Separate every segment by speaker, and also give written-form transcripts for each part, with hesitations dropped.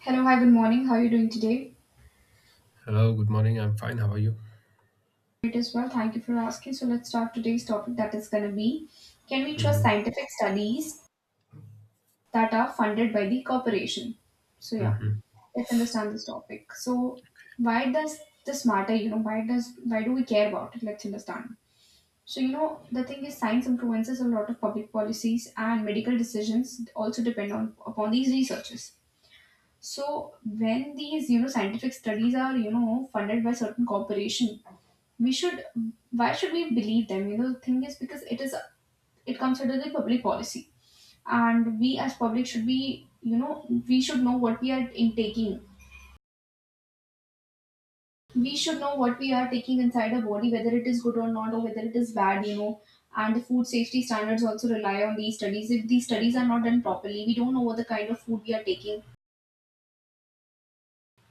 Speaker 1: Hello, hi, good morning. How are you doing today?
Speaker 2: Hello, good morning. I'm fine. How are you?
Speaker 1: Great as well. Thank you for asking. So let's start today's topic that is going to be: can we trust
Speaker 2: Hmm.
Speaker 1: scientific studies that are funded by the corporation? So, yeah,
Speaker 2: Hmm.
Speaker 1: let's understand this topic. So, why does this matter? You know, why do we care about it? Let's understand. So, you know, the thing is science influences a lot of public policies, and medical decisions also depend on upon these researches. So when these, you know, scientific studies are, you know, funded by certain corporation, we should why should we believe them? You know, the thing is because it comes under the public policy, and we as public should be, you know, we should know what we are intaking. We should know what we are taking inside our body, whether it is good or not, or whether it is bad. You know, and the food safety standards also rely on these studies. If these studies are not done properly, we don't know what the kind of food we are taking.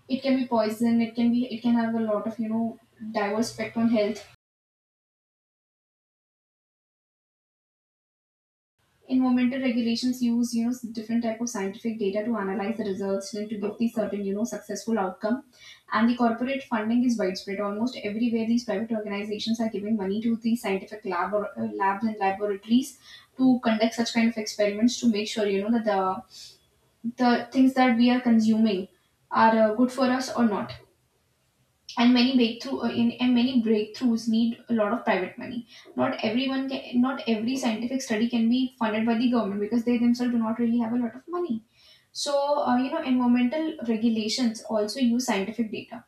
Speaker 1: It can be poison, it can have a lot of, you know, diverse effect on health. Environmental regulations use, you know, different type of scientific data to analyze the results and to give the certain, you know, successful outcome. And the corporate funding is widespread almost everywhere. These private organizations are giving money to the scientific lab, or, labs and laboratories, to conduct such kind of experiments to make sure, you know, that the things that we are consuming are, good for us or not. And many breakthrough, in and many breakthroughs need a lot of private money. Not every scientific study can be funded by the government, because they themselves do not really have a lot of money. So, you know, environmental regulations also use scientific data.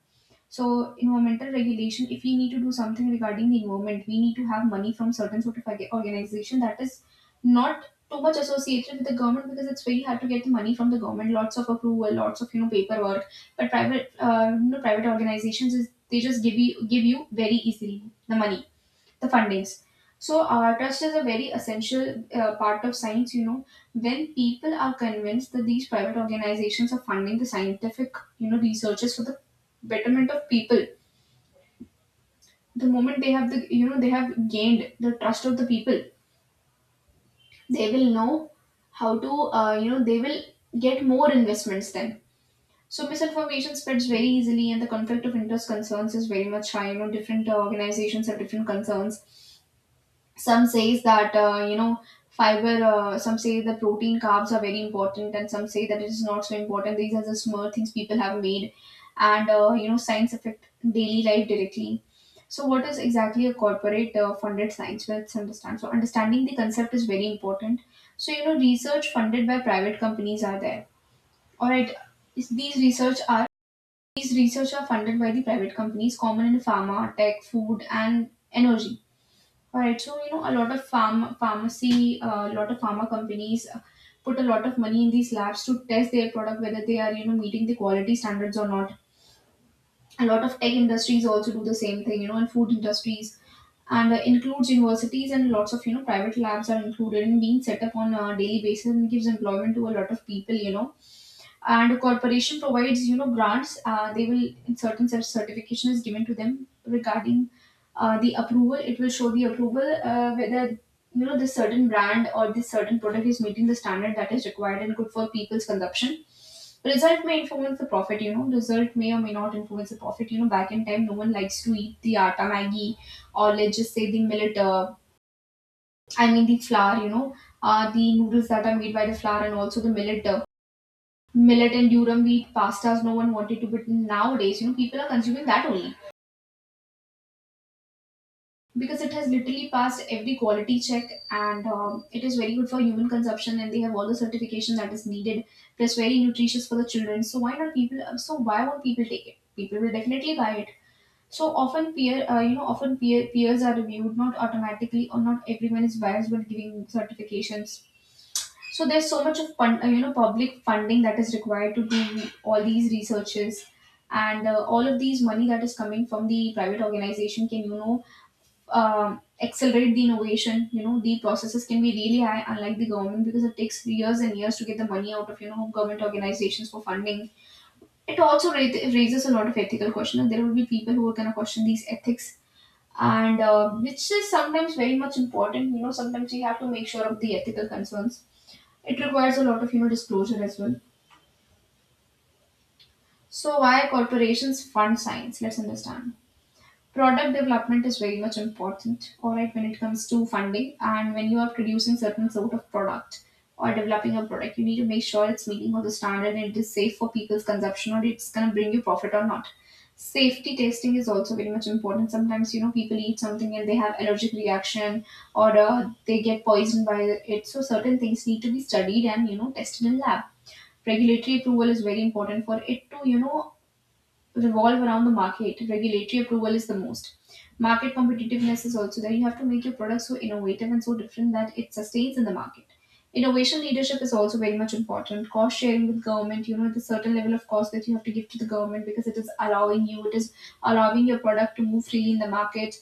Speaker 1: So environmental regulation, if we need to do something regarding the environment, we need to have money from certain sort of organization that is not too much associated with the government, because it's very hard to get the money from the government. Lots of approval, lots of, you know, paperwork. But private, you know, private organizations is they just give you very easily the money, the fundings. So, trust is a very essential part of science. You know, when people are convinced that these private organizations are funding the scientific, you know, researches for the betterment of people, the moment they have the, you know, they have gained the trust of the people, they will know how to, you know, they will get more investments then. So misinformation spreads very easily, and the conflict of interest concerns is very much high. You know, different organizations have different concerns. Some says that, you know, fiber, some say the protein carbs are very important, and some say that it is not so important. These are the small things people have made. And, you know, science affect daily life directly. So what is exactly a corporate, funded science? Let's understand. So understanding the concept is very important. So, you know, research funded by private companies are there. All right. is- these research are these research are funded by the private companies, common in pharma, tech, food, and energy. All right, so you know, a lot of farm pharmacy, a lot of pharma companies, put a lot of money in these labs to test their product, whether they are, you know, meeting the quality standards or not. A lot of tech industries also do the same thing, you know, and food industries, and, includes universities, and lots of, you know, private labs are included and being set up on a daily basis and gives employment to a lot of people, you know. And corporation provides, you know, grants. They will, in certain, such certification is given to them regarding, the approval. It will show the approval, whether, you know, this certain brand or this certain product is meeting the standard that is required and good for people's consumption. Result may or may not influence the profit, you know. Back in time, no one likes to eat the atta maggi, or let's just say the millet, I mean the flour, you know, the noodles that are made by the flour, and also the millet, millet and durum wheat pastas. No one wanted to, but nowadays, you know, people are consuming that only, because it has literally passed every quality check. And, it is very good for human consumption, and they have all the certification that is needed, plus very nutritious for the children. So why not people, so why won't people take it? People will definitely buy it. So often peer you know often peer peers are reviewed, not automatically, or not everyone is biased, but giving certifications. So there's so much of you know, public funding that is required to do all these researches, and, all of these money that is coming from the private organization can, you know, accelerate the innovation. You know, the processes can be really high, unlike the government, because it takes years and years to get the money out of, you know, government organizations for funding. It also raises a lot of ethical questions. And There will be people who are gonna question these ethics. And, which is sometimes very much important. You know, sometimes we have to make sure of the ethical concerns. It requires a lot of, you know, disclosure as well. So why corporations fund science? Let's understand. Product development is very much important, all right, when it comes to funding and when you are producing certain sort of product or developing a product. You need to make sure it's meeting all the standard and it is safe for people's consumption, or it's gonna bring you profit or not. Safety testing is also very much important. Sometimes, you know, people eat something and they have allergic reaction, or, they get poisoned by it. So certain things need to be studied and, you know, tested in lab. Regulatory approval is very important for it to, you know, revolve around the market. Regulatory approval is the most. Market competitiveness is also there. You have to make your product so innovative and so different that it sustains in the market. Innovation leadership is also very much important. Cost sharing with government, you know, the certain level of cost that you have to give to the government, because it is allowing you, it is allowing your product to move freely in the market.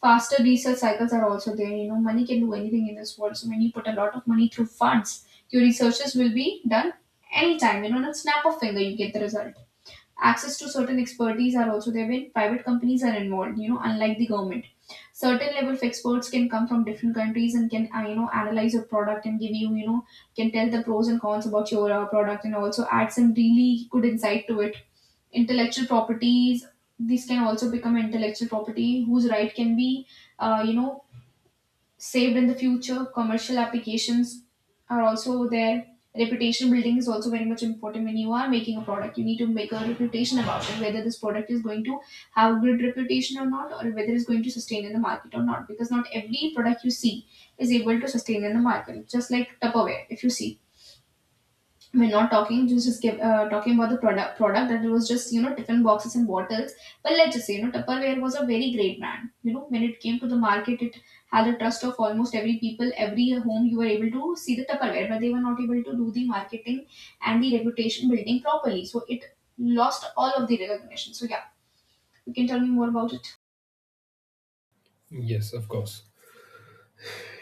Speaker 1: Faster research cycles are also there. You know, money can do anything in this world. So when you put a lot of money through funds, your researches will be done anytime. You know, in a snap of finger, you get the result. Access to certain expertise are also there when private companies are involved, you know, unlike the government. Certain level of experts can come from different countries and can, you know, analyze your product and give you, you know, can tell the pros and cons about your, product, and also add some really good insight to it. Intellectual properties. This can also become intellectual property, whose right can be, you know, saved in the future. Commercial applications are also there. Reputation building is also very much important when you are making a product. You need to make a reputation about it, whether this product is going to have a good reputation or not, or whether it's going to sustain in the market or not. Because not every product you see is able to sustain in the market. Just like Tupperware, if you see, we're not talking talking about the product, that it was just, you know, different boxes and bottles. But let's just say, you know, Tupperware was a very great brand, you know. When it came to the market, it had the trust of almost every people, every home. You were able to see the Tupperware, but they were not able to do the marketing and the reputation building properly, so it lost all of the recognition. So yeah, you can tell me more about it.
Speaker 2: Yes, of course.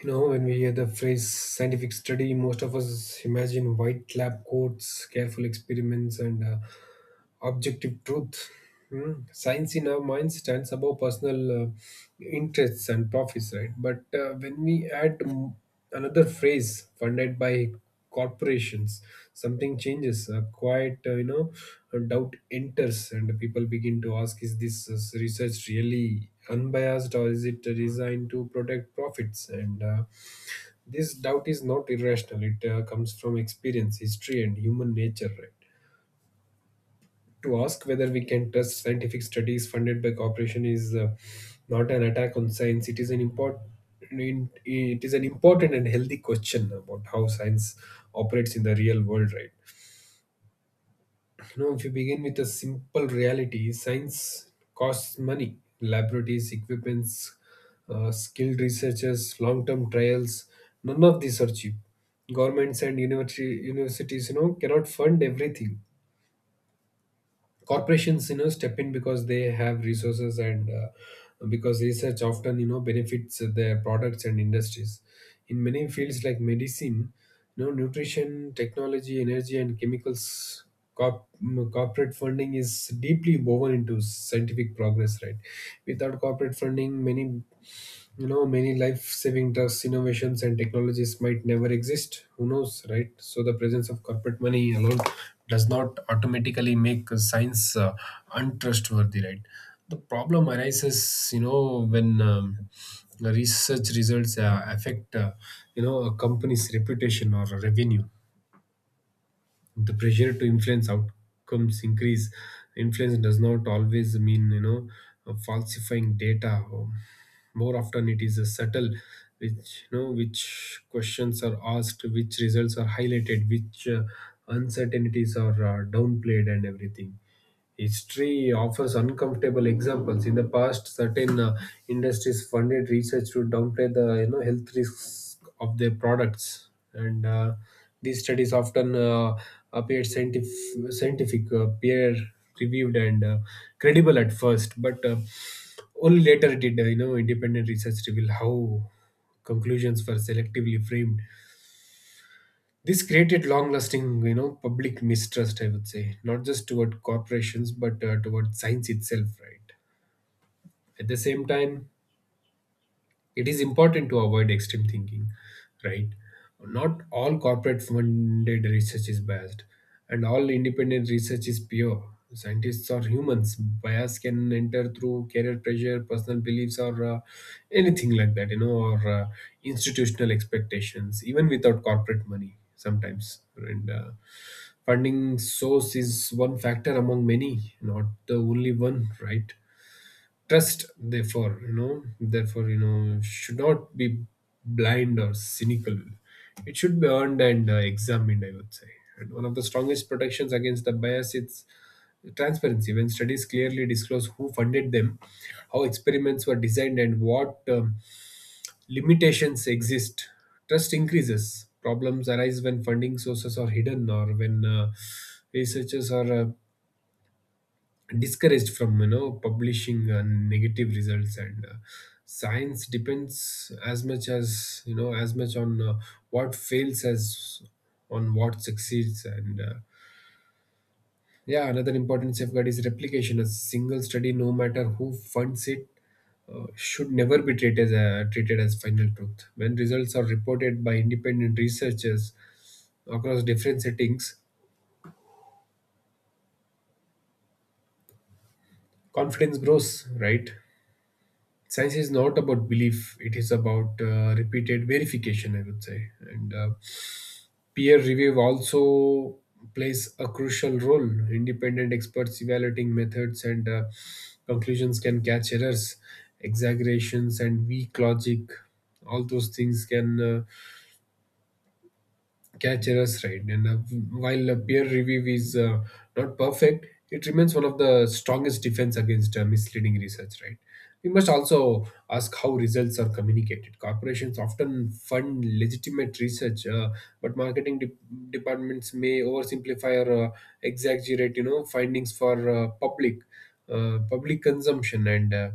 Speaker 2: You know, when we hear the phrase scientific study, most of us imagine white lab coats, careful experiments, and objective truth. Hmm. Science in our mind stands above personal interests and profits, right? But when we add another phrase funded by corporations, something changes. A quiet, a doubt enters, and people begin to ask: Is this research really unbiased, or is it designed to protect profits? And This doubt is not irrational; it comes from experience, history, and human nature, right? To ask whether we can trust scientific studies funded by corporation is not an attack on science. It is an important and healthy question about how science operates in the real world, right? You know, if you begin with a simple reality, science costs money, laboratories, equipments, skilled researchers, long-term trials, none of these are cheap. Governments and universities, you know, cannot fund everything. Corporations, you know, step in because they have resources, and because research often, you know, benefits their products and industries in many fields like medicine, you know, nutrition, technology, energy, and chemicals. Corporate funding is deeply woven into scientific progress, right? Without corporate funding, many, you know, many life saving drugs, innovations, and technologies might never exist. Who knows, right? So, the presence of corporate money alone does not automatically make science untrustworthy, right? The problem arises, you know, when the research results affect, you know, a company's reputation or revenue. The pressure to influence outcomes increase. Influence does not always mean, you know, falsifying data. More often it is a subtle, which you know which questions are asked, which results are highlighted, which uncertainties are downplayed, and everything. History offers uncomfortable examples. In the past, certain industries funded research to downplay the, you know, health risks of their products, and these studies often appeared scientific, peer reviewed, and credible at first. But only later did, you know, independent research reveal how conclusions were selectively framed. This created long-lasting, you know, public mistrust, I would say, not just toward corporations, but, toward science itself. Right. At the same time, it is important to avoid extreme thinking, right? Not all corporate funded research is biased and all independent research is pure. Scientists are humans, bias can enter through career pressure, personal beliefs, or anything like that, you know, or institutional expectations, even without corporate money sometimes. And Funding source is one factor among many, not the only one, right? Trust, therefore, you know, should not be blind or cynical. It should be earned and, examined, I would say. And one of the strongest protections against the bias is transparency. When studies clearly disclose who funded them, how experiments were designed, and what, limitations exist, trust increases. Problems arise when funding sources are hidden, or when researchers are discouraged from, you know, publishing negative results. And Science depends as much as, you know, as much on what fails as on what succeeds. And yeah Another important safeguard is replication. A single study, no matter who funds it, should never be treated as treated as final truth. When results are reported by independent researchers across different settings, confidence grows, right? Science is not about belief, it is about repeated verification, I would say. And Peer review also plays a crucial role. Independent experts evaluating methods and conclusions can catch errors, exaggerations, and weak logic. All those things can, Catcher's right. And While, peer review is, not perfect, it remains one of the strongest defense against misleading research, right? We must also ask how results are communicated. Corporations often fund legitimate research, but departments may oversimplify or exaggerate, you know, findings for, public consumption. And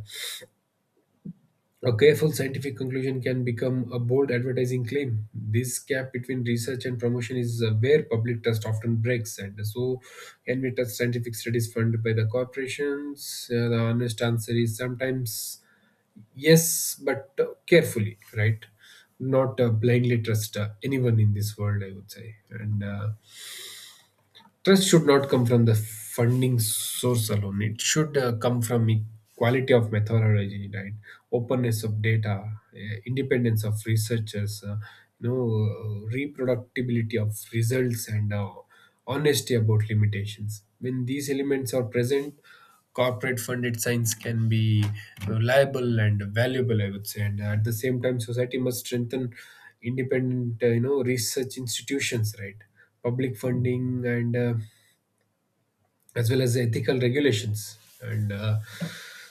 Speaker 2: A careful scientific conclusion can become a bold advertising claim. This gap between research and promotion is, where public trust often breaks, and so can we trust scientific studies funded by the corporations? The honest answer is sometimes yes, but, carefully, right? Not, blindly trust, anyone in this world, I would say. And Trust should not come from the funding source alone. It should, come from quality of methodology, right? Openness of data, independence of researchers, you know, reproductibility of results, and honesty about limitations. When these elements are present, corporate funded science can be reliable and valuable, I would say. And At the same time, society must strengthen independent, you know, research institutions, right? Public funding and as well as ethical regulations. And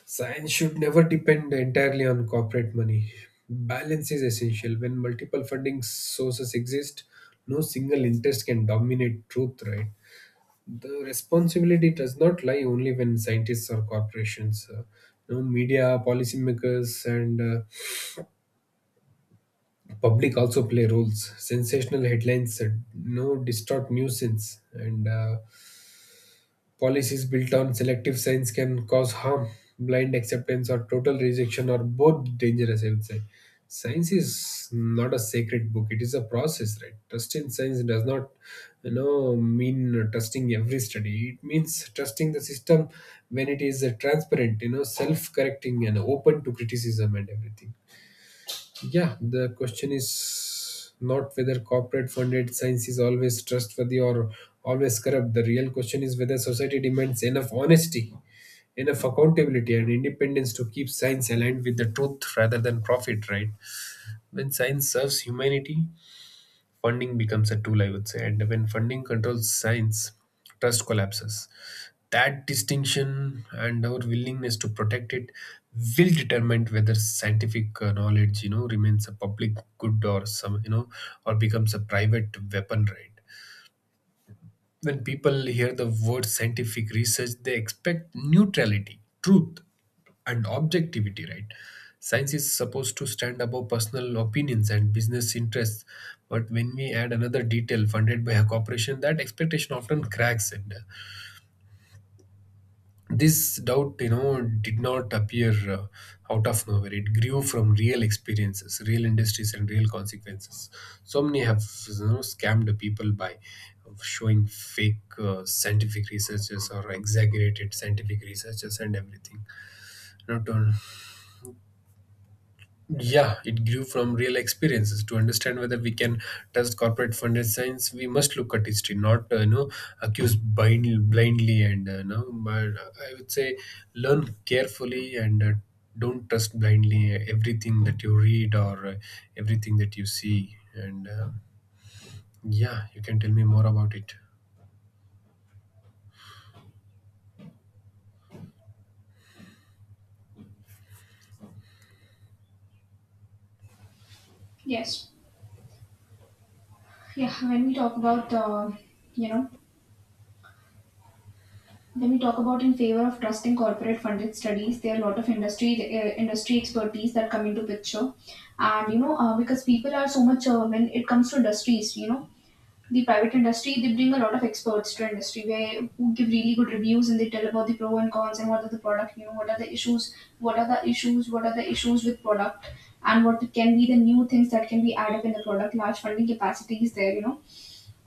Speaker 2: Science should never depend entirely on corporate money. Balance is essential. When multiple funding sources exist, no single interest can dominate truth, right? The responsibility does not lie only when scientists or corporations, you know, media, policymakers, and public also play roles. Sensational headlines, no, distort nuisance, and policies built on selective science can cause harm. Blind acceptance or total rejection are both dangerous, I would say. Science is not a sacred book, it is a process, right? Trust in science does not, you know, mean trusting every study. It means trusting the system when it is, transparent, you know, self correcting, and open to criticism, and everything. Yeah, the question is not whether corporate funded science is always trustworthy or always corrupt. The real question is whether society demands enough honesty, enough accountability, and independence to keep science aligned with the truth rather than profit, right? When science serves humanity, funding becomes a tool, I would say. And when funding controls science, trust collapses. That distinction and our willingness to protect it will determine whether scientific, knowledge, you know, remains a public good, or some, you know, or becomes a private weapon, right? When people hear the word scientific research, they expect neutrality, truth, and objectivity, right? Science is supposed to stand above personal opinions and business interests, but when we add another detail funded by a corporation, that expectation often cracks it. This doubt, you know, did not appear, out of nowhere. It grew from real experiences, real industries, and real consequences. So many have, you know, scammed people by showing fake, scientific researches or exaggerated scientific researches and everything, you know, to yeah, it grew from real experiences. To understand whether we can trust corporate funded science, we must look at history, not, you know, accuse blindly, and, you know. But I would say learn carefully, and don't trust blindly everything that you read, or everything that you see. And Yeah, you can tell me more about it.
Speaker 1: Yes. Yeah, when we talk about, you know, When we talk about in favor of trusting corporate funded studies, there are a lot of industry expertise that come into picture, and because people are so much when it comes to industries, you know the private industry, they bring a lot of experts to industry where who give really good reviews, and they tell about the pro and cons and what are the product, you know, what are the issues with product and what can be the new things that can be added in the product. Large funding capacity is there, you know.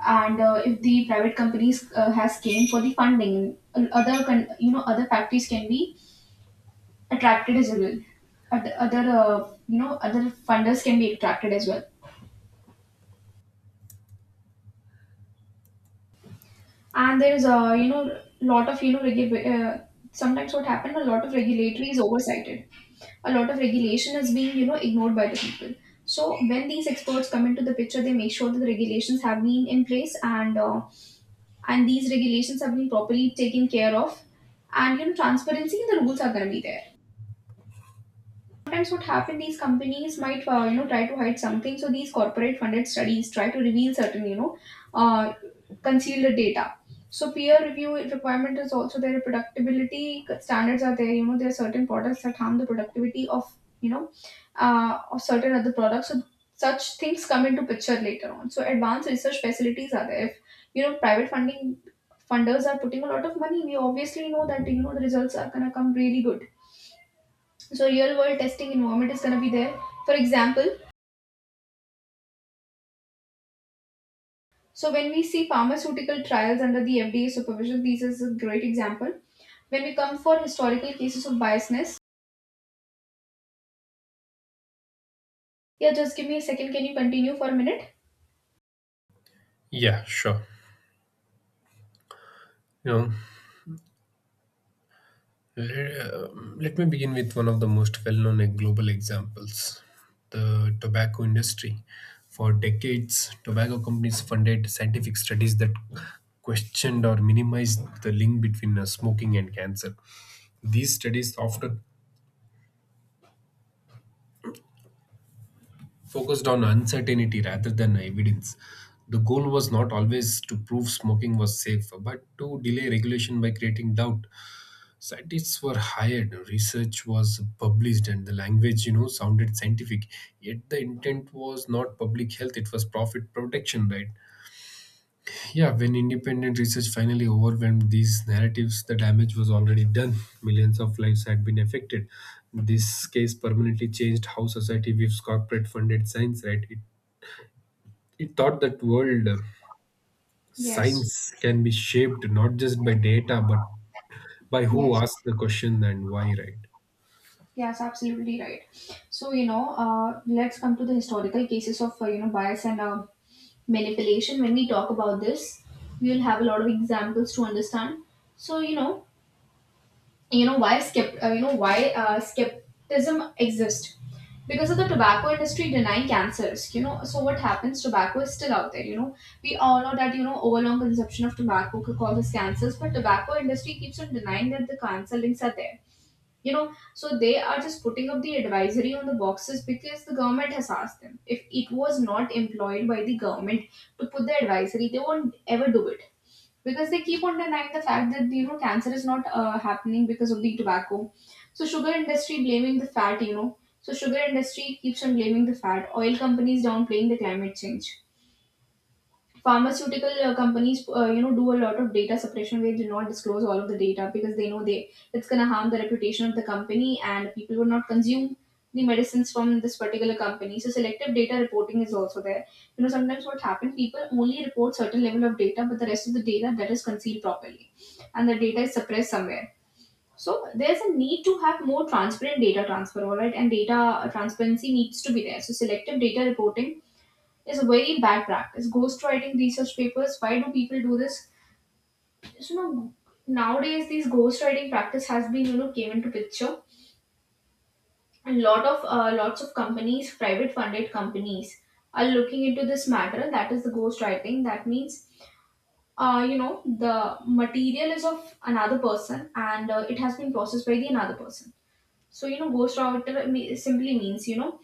Speaker 1: And if the private companies has came for the funding, you know other factories can be attracted as well. Other, other you know other funders can be attracted as well, and there's a you know lot of you know sometimes what happened a lot of regulatory is oversighted, a lot of regulation is being you know ignored by the people. So when these experts come into the picture, they make sure that the regulations have been in place, and these regulations have been properly taken care of, and you know transparency in the rules are going to be there. Sometimes what happen these companies might you know try to hide something, so these corporate funded studies try to reveal certain uh, concealed data. So peer review requirement is also there, productivity standards are there, you know there are certain products that harm the productivity of you know of certain other products. So such things come into picture later on. So advanced research facilities are there. If you know private funding funders are putting a lot of money, we obviously know that you know the results are going to come really good. So real world testing environment is going to be there. For example, so when we see pharmaceutical trials under the FDA supervision, this is a great example. When we come for historical cases of biasness, yeah, just give me a second. Can you continue for a minute?
Speaker 2: Yeah, sure. You know, Le- let me begin with one of the most well known global examples, the tobacco industry. For decades, tobacco companies funded scientific studies that questioned or minimized the link between smoking and cancer. These studies often focused on uncertainty rather than evidence. The goal was not always to prove smoking was safe, but to delay regulation by creating doubt. Scientists were hired, research was published, and the language, you know, sounded scientific, yet the intent was not public health, it was profit protection, right? Yeah, when independent research finally overwhelmed these narratives, the damage was already done. Millions of lives had been affected. This case permanently changed how society views corporate funded science, right? It taught that world,
Speaker 1: Yes,
Speaker 2: science can be shaped not just by data but by who
Speaker 1: yes,
Speaker 2: asks the question and why, right?
Speaker 1: yes, absolutely right. So you know, let's come to the historical cases of you know bias and manipulation. When we talk about this, we will have a lot of examples to understand. So you know, you know why skepticism exists because of the tobacco industry denying cancers, you know. So what happens, tobacco is still out there, you know. We all know that you know overlong consumption of tobacco could causes cancers, but tobacco industry keeps on denying that the cancer links are there, you know. So they are just putting up the advisory on the boxes because the government has asked them. If it was not employed by the government to put the advisory, they won't ever do it, because they keep on denying the fact that you know cancer is not happening because of the tobacco. So sugar industry blaming the fat, you know. So sugar industry keeps on blaming the fat, oil companies downplaying the climate change, pharmaceutical companies, you know, do a lot of data suppression where they do not disclose all of the data, because they know they it's going to harm the reputation of the company and people will not consume the medicines from this particular company. So selective data reporting is also there, you know. Sometimes what happens people only report certain level of data, but the rest of the data that is concealed properly and the data is suppressed somewhere. So there's a need to have more transparent data transfer, all right, and data transparency needs to be there. So selective data reporting is a very bad practice. Ghostwriting research papers, why do people do this? So, you know, nowadays these ghostwriting practice has been, you know, came into picture. A lot of lots of companies, private funded companies, are looking into this matter. That is the ghostwriting. That means, you know, the material is of another person, and it has been processed by the another person. So, you know, simply means, you know,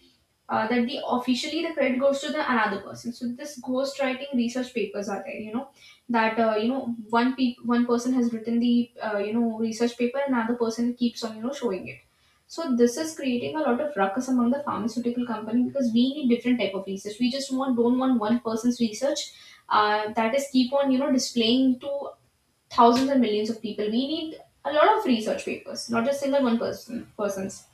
Speaker 1: that the officially the credit goes to the another person. So this ghostwriting research papers are there, you know, that you know one person has written the you know research paper, and another person keeps on you know showing it. So this is creating a lot of ruckus among the pharmaceutical company, because we need different type of research. We just want don't want one person's research that is keep on you know displaying to thousands and millions of people. We need a lot of research papers, not just single one person's,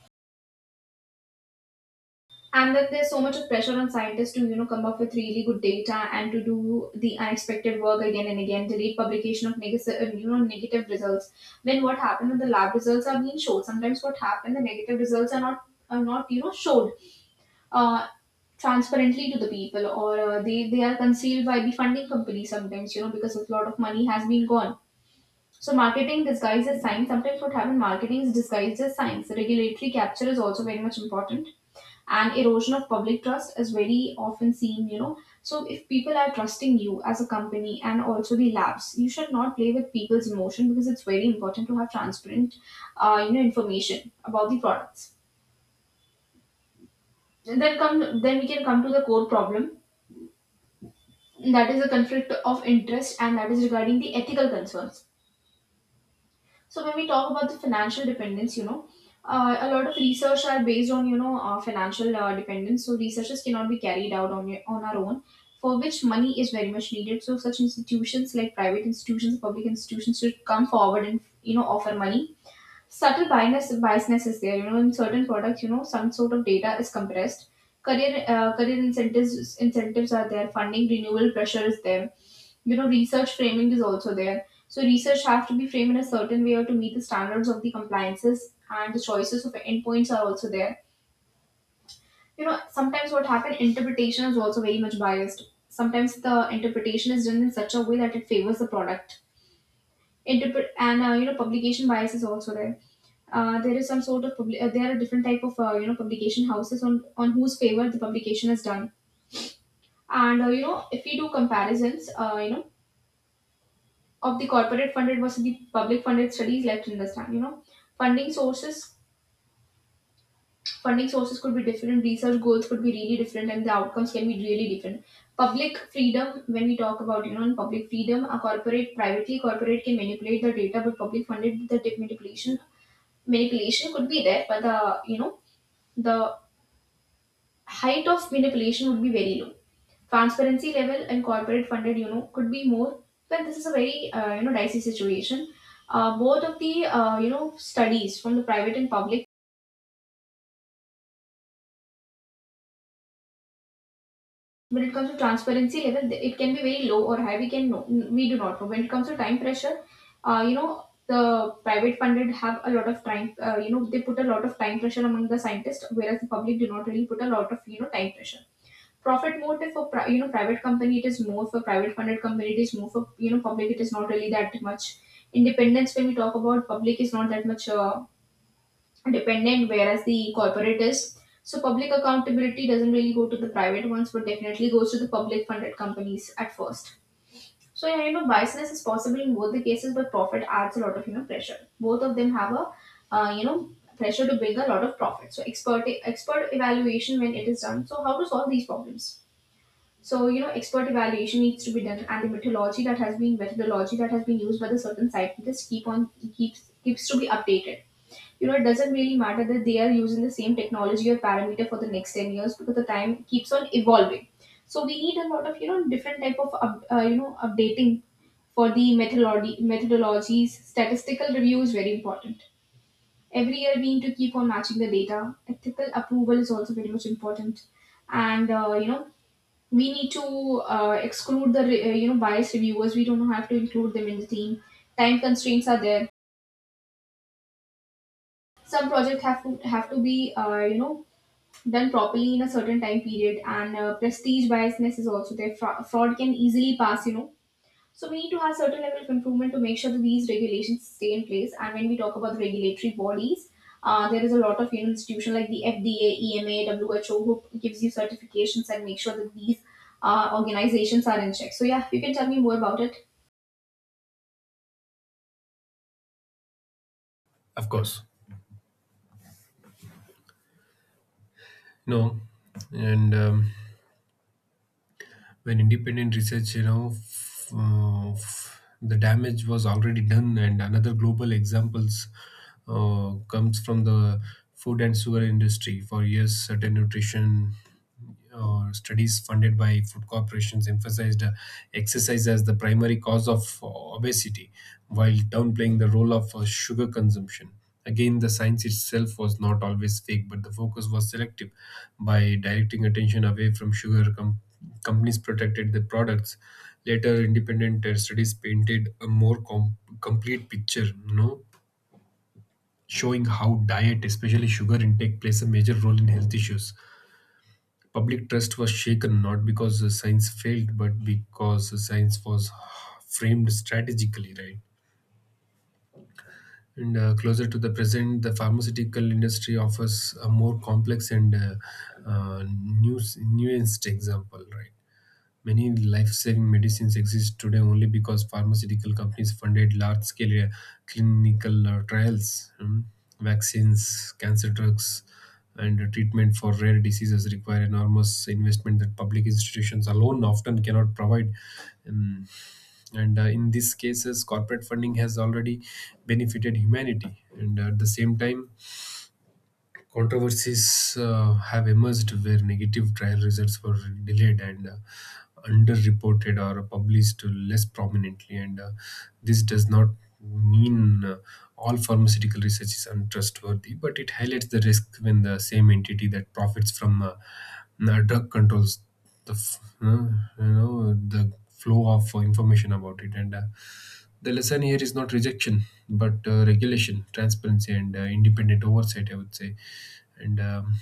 Speaker 1: and that there's so much of pressure on scientists to you know come up with really good data and to do the unexpected work again and again, delay publication of negative negative results. When what happened when the lab results are being showed, sometimes what happened the negative results are not you know showed uh, transparently to the people, or they are concealed by the funding company sometimes, you know, because a lot of money has been gone. So marketing disguised as science, sometimes what happened marketing is disguised as science. Regulatory capture is also very much important, and erosion of public trust is very often seen, you know. So if people are trusting you as a company and also the labs, you should not play with people's emotion, because it's very important to have transparent you know information about the products. And then come, then we can come to the core problem, that is the conflict of interest, and that is regarding the ethical concerns. So when we talk about the financial dependence, you know, a lot of research are based on you know financial dependence. So researches cannot be carried out on our own, for which money is very much needed. So such institutions like private institutions, public institutions should come forward and you know offer money. Subtle biasness is there, you know, in certain products. You know some sort of data is compressed. Career incentives are there, funding renewal pressure is there, you know research framing is also there. So research have to be framed in a certain way or to meet the standards of the compliances, and the choices of endpoints are also there. You know sometimes what happens interpretation is also very much biased. Sometimes the interpretation is done in such a way that it favors the product interpret, and you know publication bias is also there. There is some sort of public There are different type of you know publication houses on whose favor the publication is done. And you know if we do comparisons, of the corporate funded versus the public funded studies, let's understand. You know funding sources, could be different, research goals could be really different, and the outcomes can be really different. Public freedom, when we talk about you know in public freedom, a corporate can manipulate the data, but public funded the dip manipulation manipulation could be there, but the you know the height of manipulation would be very low. Transparency level and corporate funded, you know, could be more. But this is a very you know dicey situation. Both of the you know studies from the private and public, when it comes to transparency level it can be very low or high, we can know, we do not know. When it comes to time pressure, you know the private funded have a lot of time, you know they put a lot of time pressure among the scientists, whereas the public do not really put a lot of you know time pressure. Profit motive for you know private company, it is more. For private funded company it is more, for you know public it is not really that much. Independence, when we talk about, public is not that much dependent, whereas the corporate is. So public accountability doesn't really go to the private ones, but definitely goes to the public funded companies at first. So yeah, you know biasness is possible in both the cases, but profit adds a lot of you know pressure. Both of them have a uh, you know pressure to bring a lot of profit. So expert evaluation, when it is done, so how to solve these problems. So you know expert evaluation needs to be done, and the methodology that has been used by the certain scientist keep on keeps keeps to be updated. You know, it doesn't really matter that they are using the same technology or parameter for the next 10 years, because the time keeps on evolving. So we need a lot of, you know, different type of, you know, updating for the methodologies. Statistical review is very important. Every year we need to keep on matching the data. Ethical approval is also very much important. And, you know, we need to exclude the, you know, biased reviewers. We don't have to include them in the team. Time constraints are there. Some projects have to be, you know, done properly in a certain time period, and prestige biasness is also there. Fraud can easily pass, you know. So we need to have certain level of improvement to make sure that these regulations stay in place. And when we talk about the regulatory bodies, there is a lot of you know, institution like the FDA, EMA who gives you certifications and make sure that these organizations are in check. So yeah, you can tell me more about it.
Speaker 2: Of course. No, and when independent research, you know, the damage was already done. And another global examples comes from the food and sugar industry. For years, certain nutrition studies funded by food corporations emphasized exercise as the primary cause of obesity while downplaying the role of sugar consumption. Again, the science itself was not always fake, but the focus was selective. By directing attention away from sugar, companies protected their products. Later, independent studies painted a more complete picture, you know, showing how diet, especially sugar intake, plays a major role in health issues. Public trust was shaken not because the science failed, but because the science was framed strategically, right? And Closer to the present, the pharmaceutical industry offers a more complex and uh, nu- nuanced example, right? Many life saving medicines exist today only because pharmaceutical companies funded large scale clinical trials. Mm. Vaccines, cancer drugs, and treatment for rare diseases require enormous investment that public institutions alone often cannot provide. Um, and in these cases, corporate funding has already benefited humanity. And At the same time, controversies have emerged where negative trial results were delayed and underreported or published less prominently. And This does not mean all pharmaceutical research is untrustworthy, but it highlights the risk when the same entity that profits from drug controls the the flow of information about it, and the lesson here is not rejection, but regulation, transparency, and independent oversight, I would say. And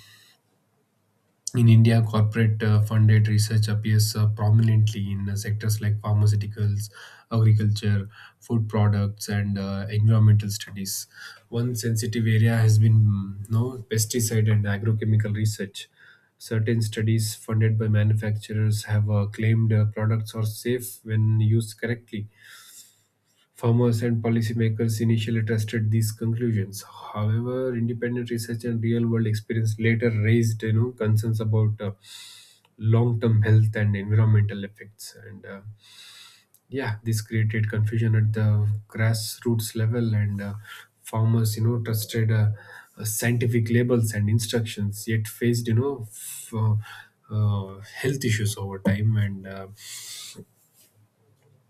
Speaker 2: In India, corporate funded research appears prominently in sectors like pharmaceuticals, agriculture, food products, and environmental studies. One sensitive area has been no pesticide and agrochemical research. Certain studies funded by manufacturers have claimed products are safe when used correctly. Farmers and policymakers initially trusted these conclusions. However, independent research and real-world experience later raised, you know, concerns about long-term health and environmental effects. And Yeah, this created confusion at the grassroots level, and farmers, you know, trusted scientific labels and instructions, yet faced, health issues over time, and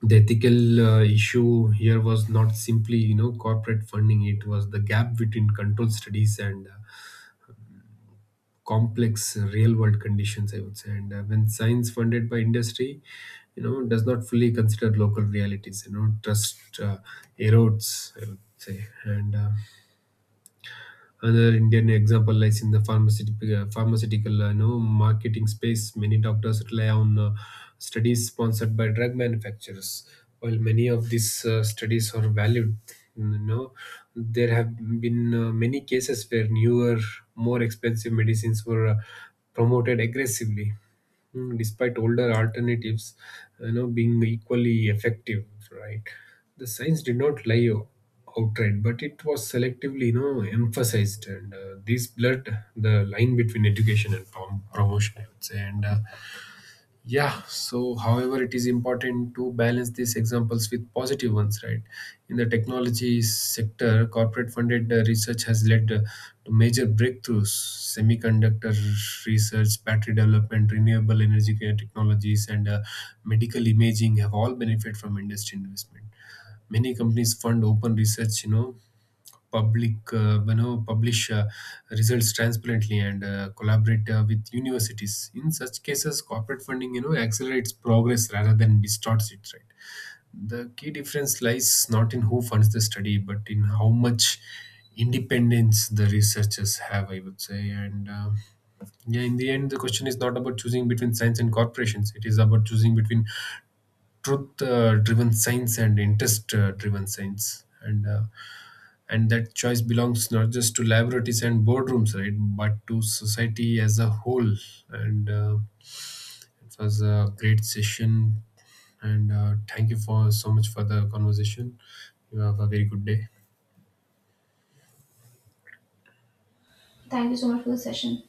Speaker 2: the ethical issue here was not simply, you know, corporate funding. It was the gap between controlled studies and complex real world conditions, I would say. And When science funded by industry, you know, does not fully consider local realities, you know, trust erodes, I would say. And Another Indian example lies in the pharmaceutical you know, marketing space. Many doctors rely on studies sponsored by drug manufacturers. While many of these studies are valued, you know, there have been many cases where newer, more expensive medicines were promoted aggressively, despite older alternatives, you know, being equally effective, right? The science did not lie outright, but it was selectively, you know, emphasized, and this blurred the line between education and promotion, I would say. And Yeah, so however, it is important to balance these examples with positive ones, right? In the technology sector, corporate funded research has led to major breakthroughs. Semiconductor research, battery development, renewable energy technologies, and medical imaging have all benefited from industry investment. Many companies fund open research, you know, public publish results transparently and collaborate with universities. In such cases corporate funding, you know, accelerates progress rather than distorts it, right? The key difference lies not in who funds the study but in how much independence the researchers have, I would say. And Yeah, in the end the question is not about choosing between science and corporations. It is about choosing between truth driven science and interest driven science, and that choice belongs not just to laboratories and boardrooms, right? But to society as a whole. And It was a great session, and thank you for so much for the conversation. You have a very good day.
Speaker 1: Thank you so much for the session.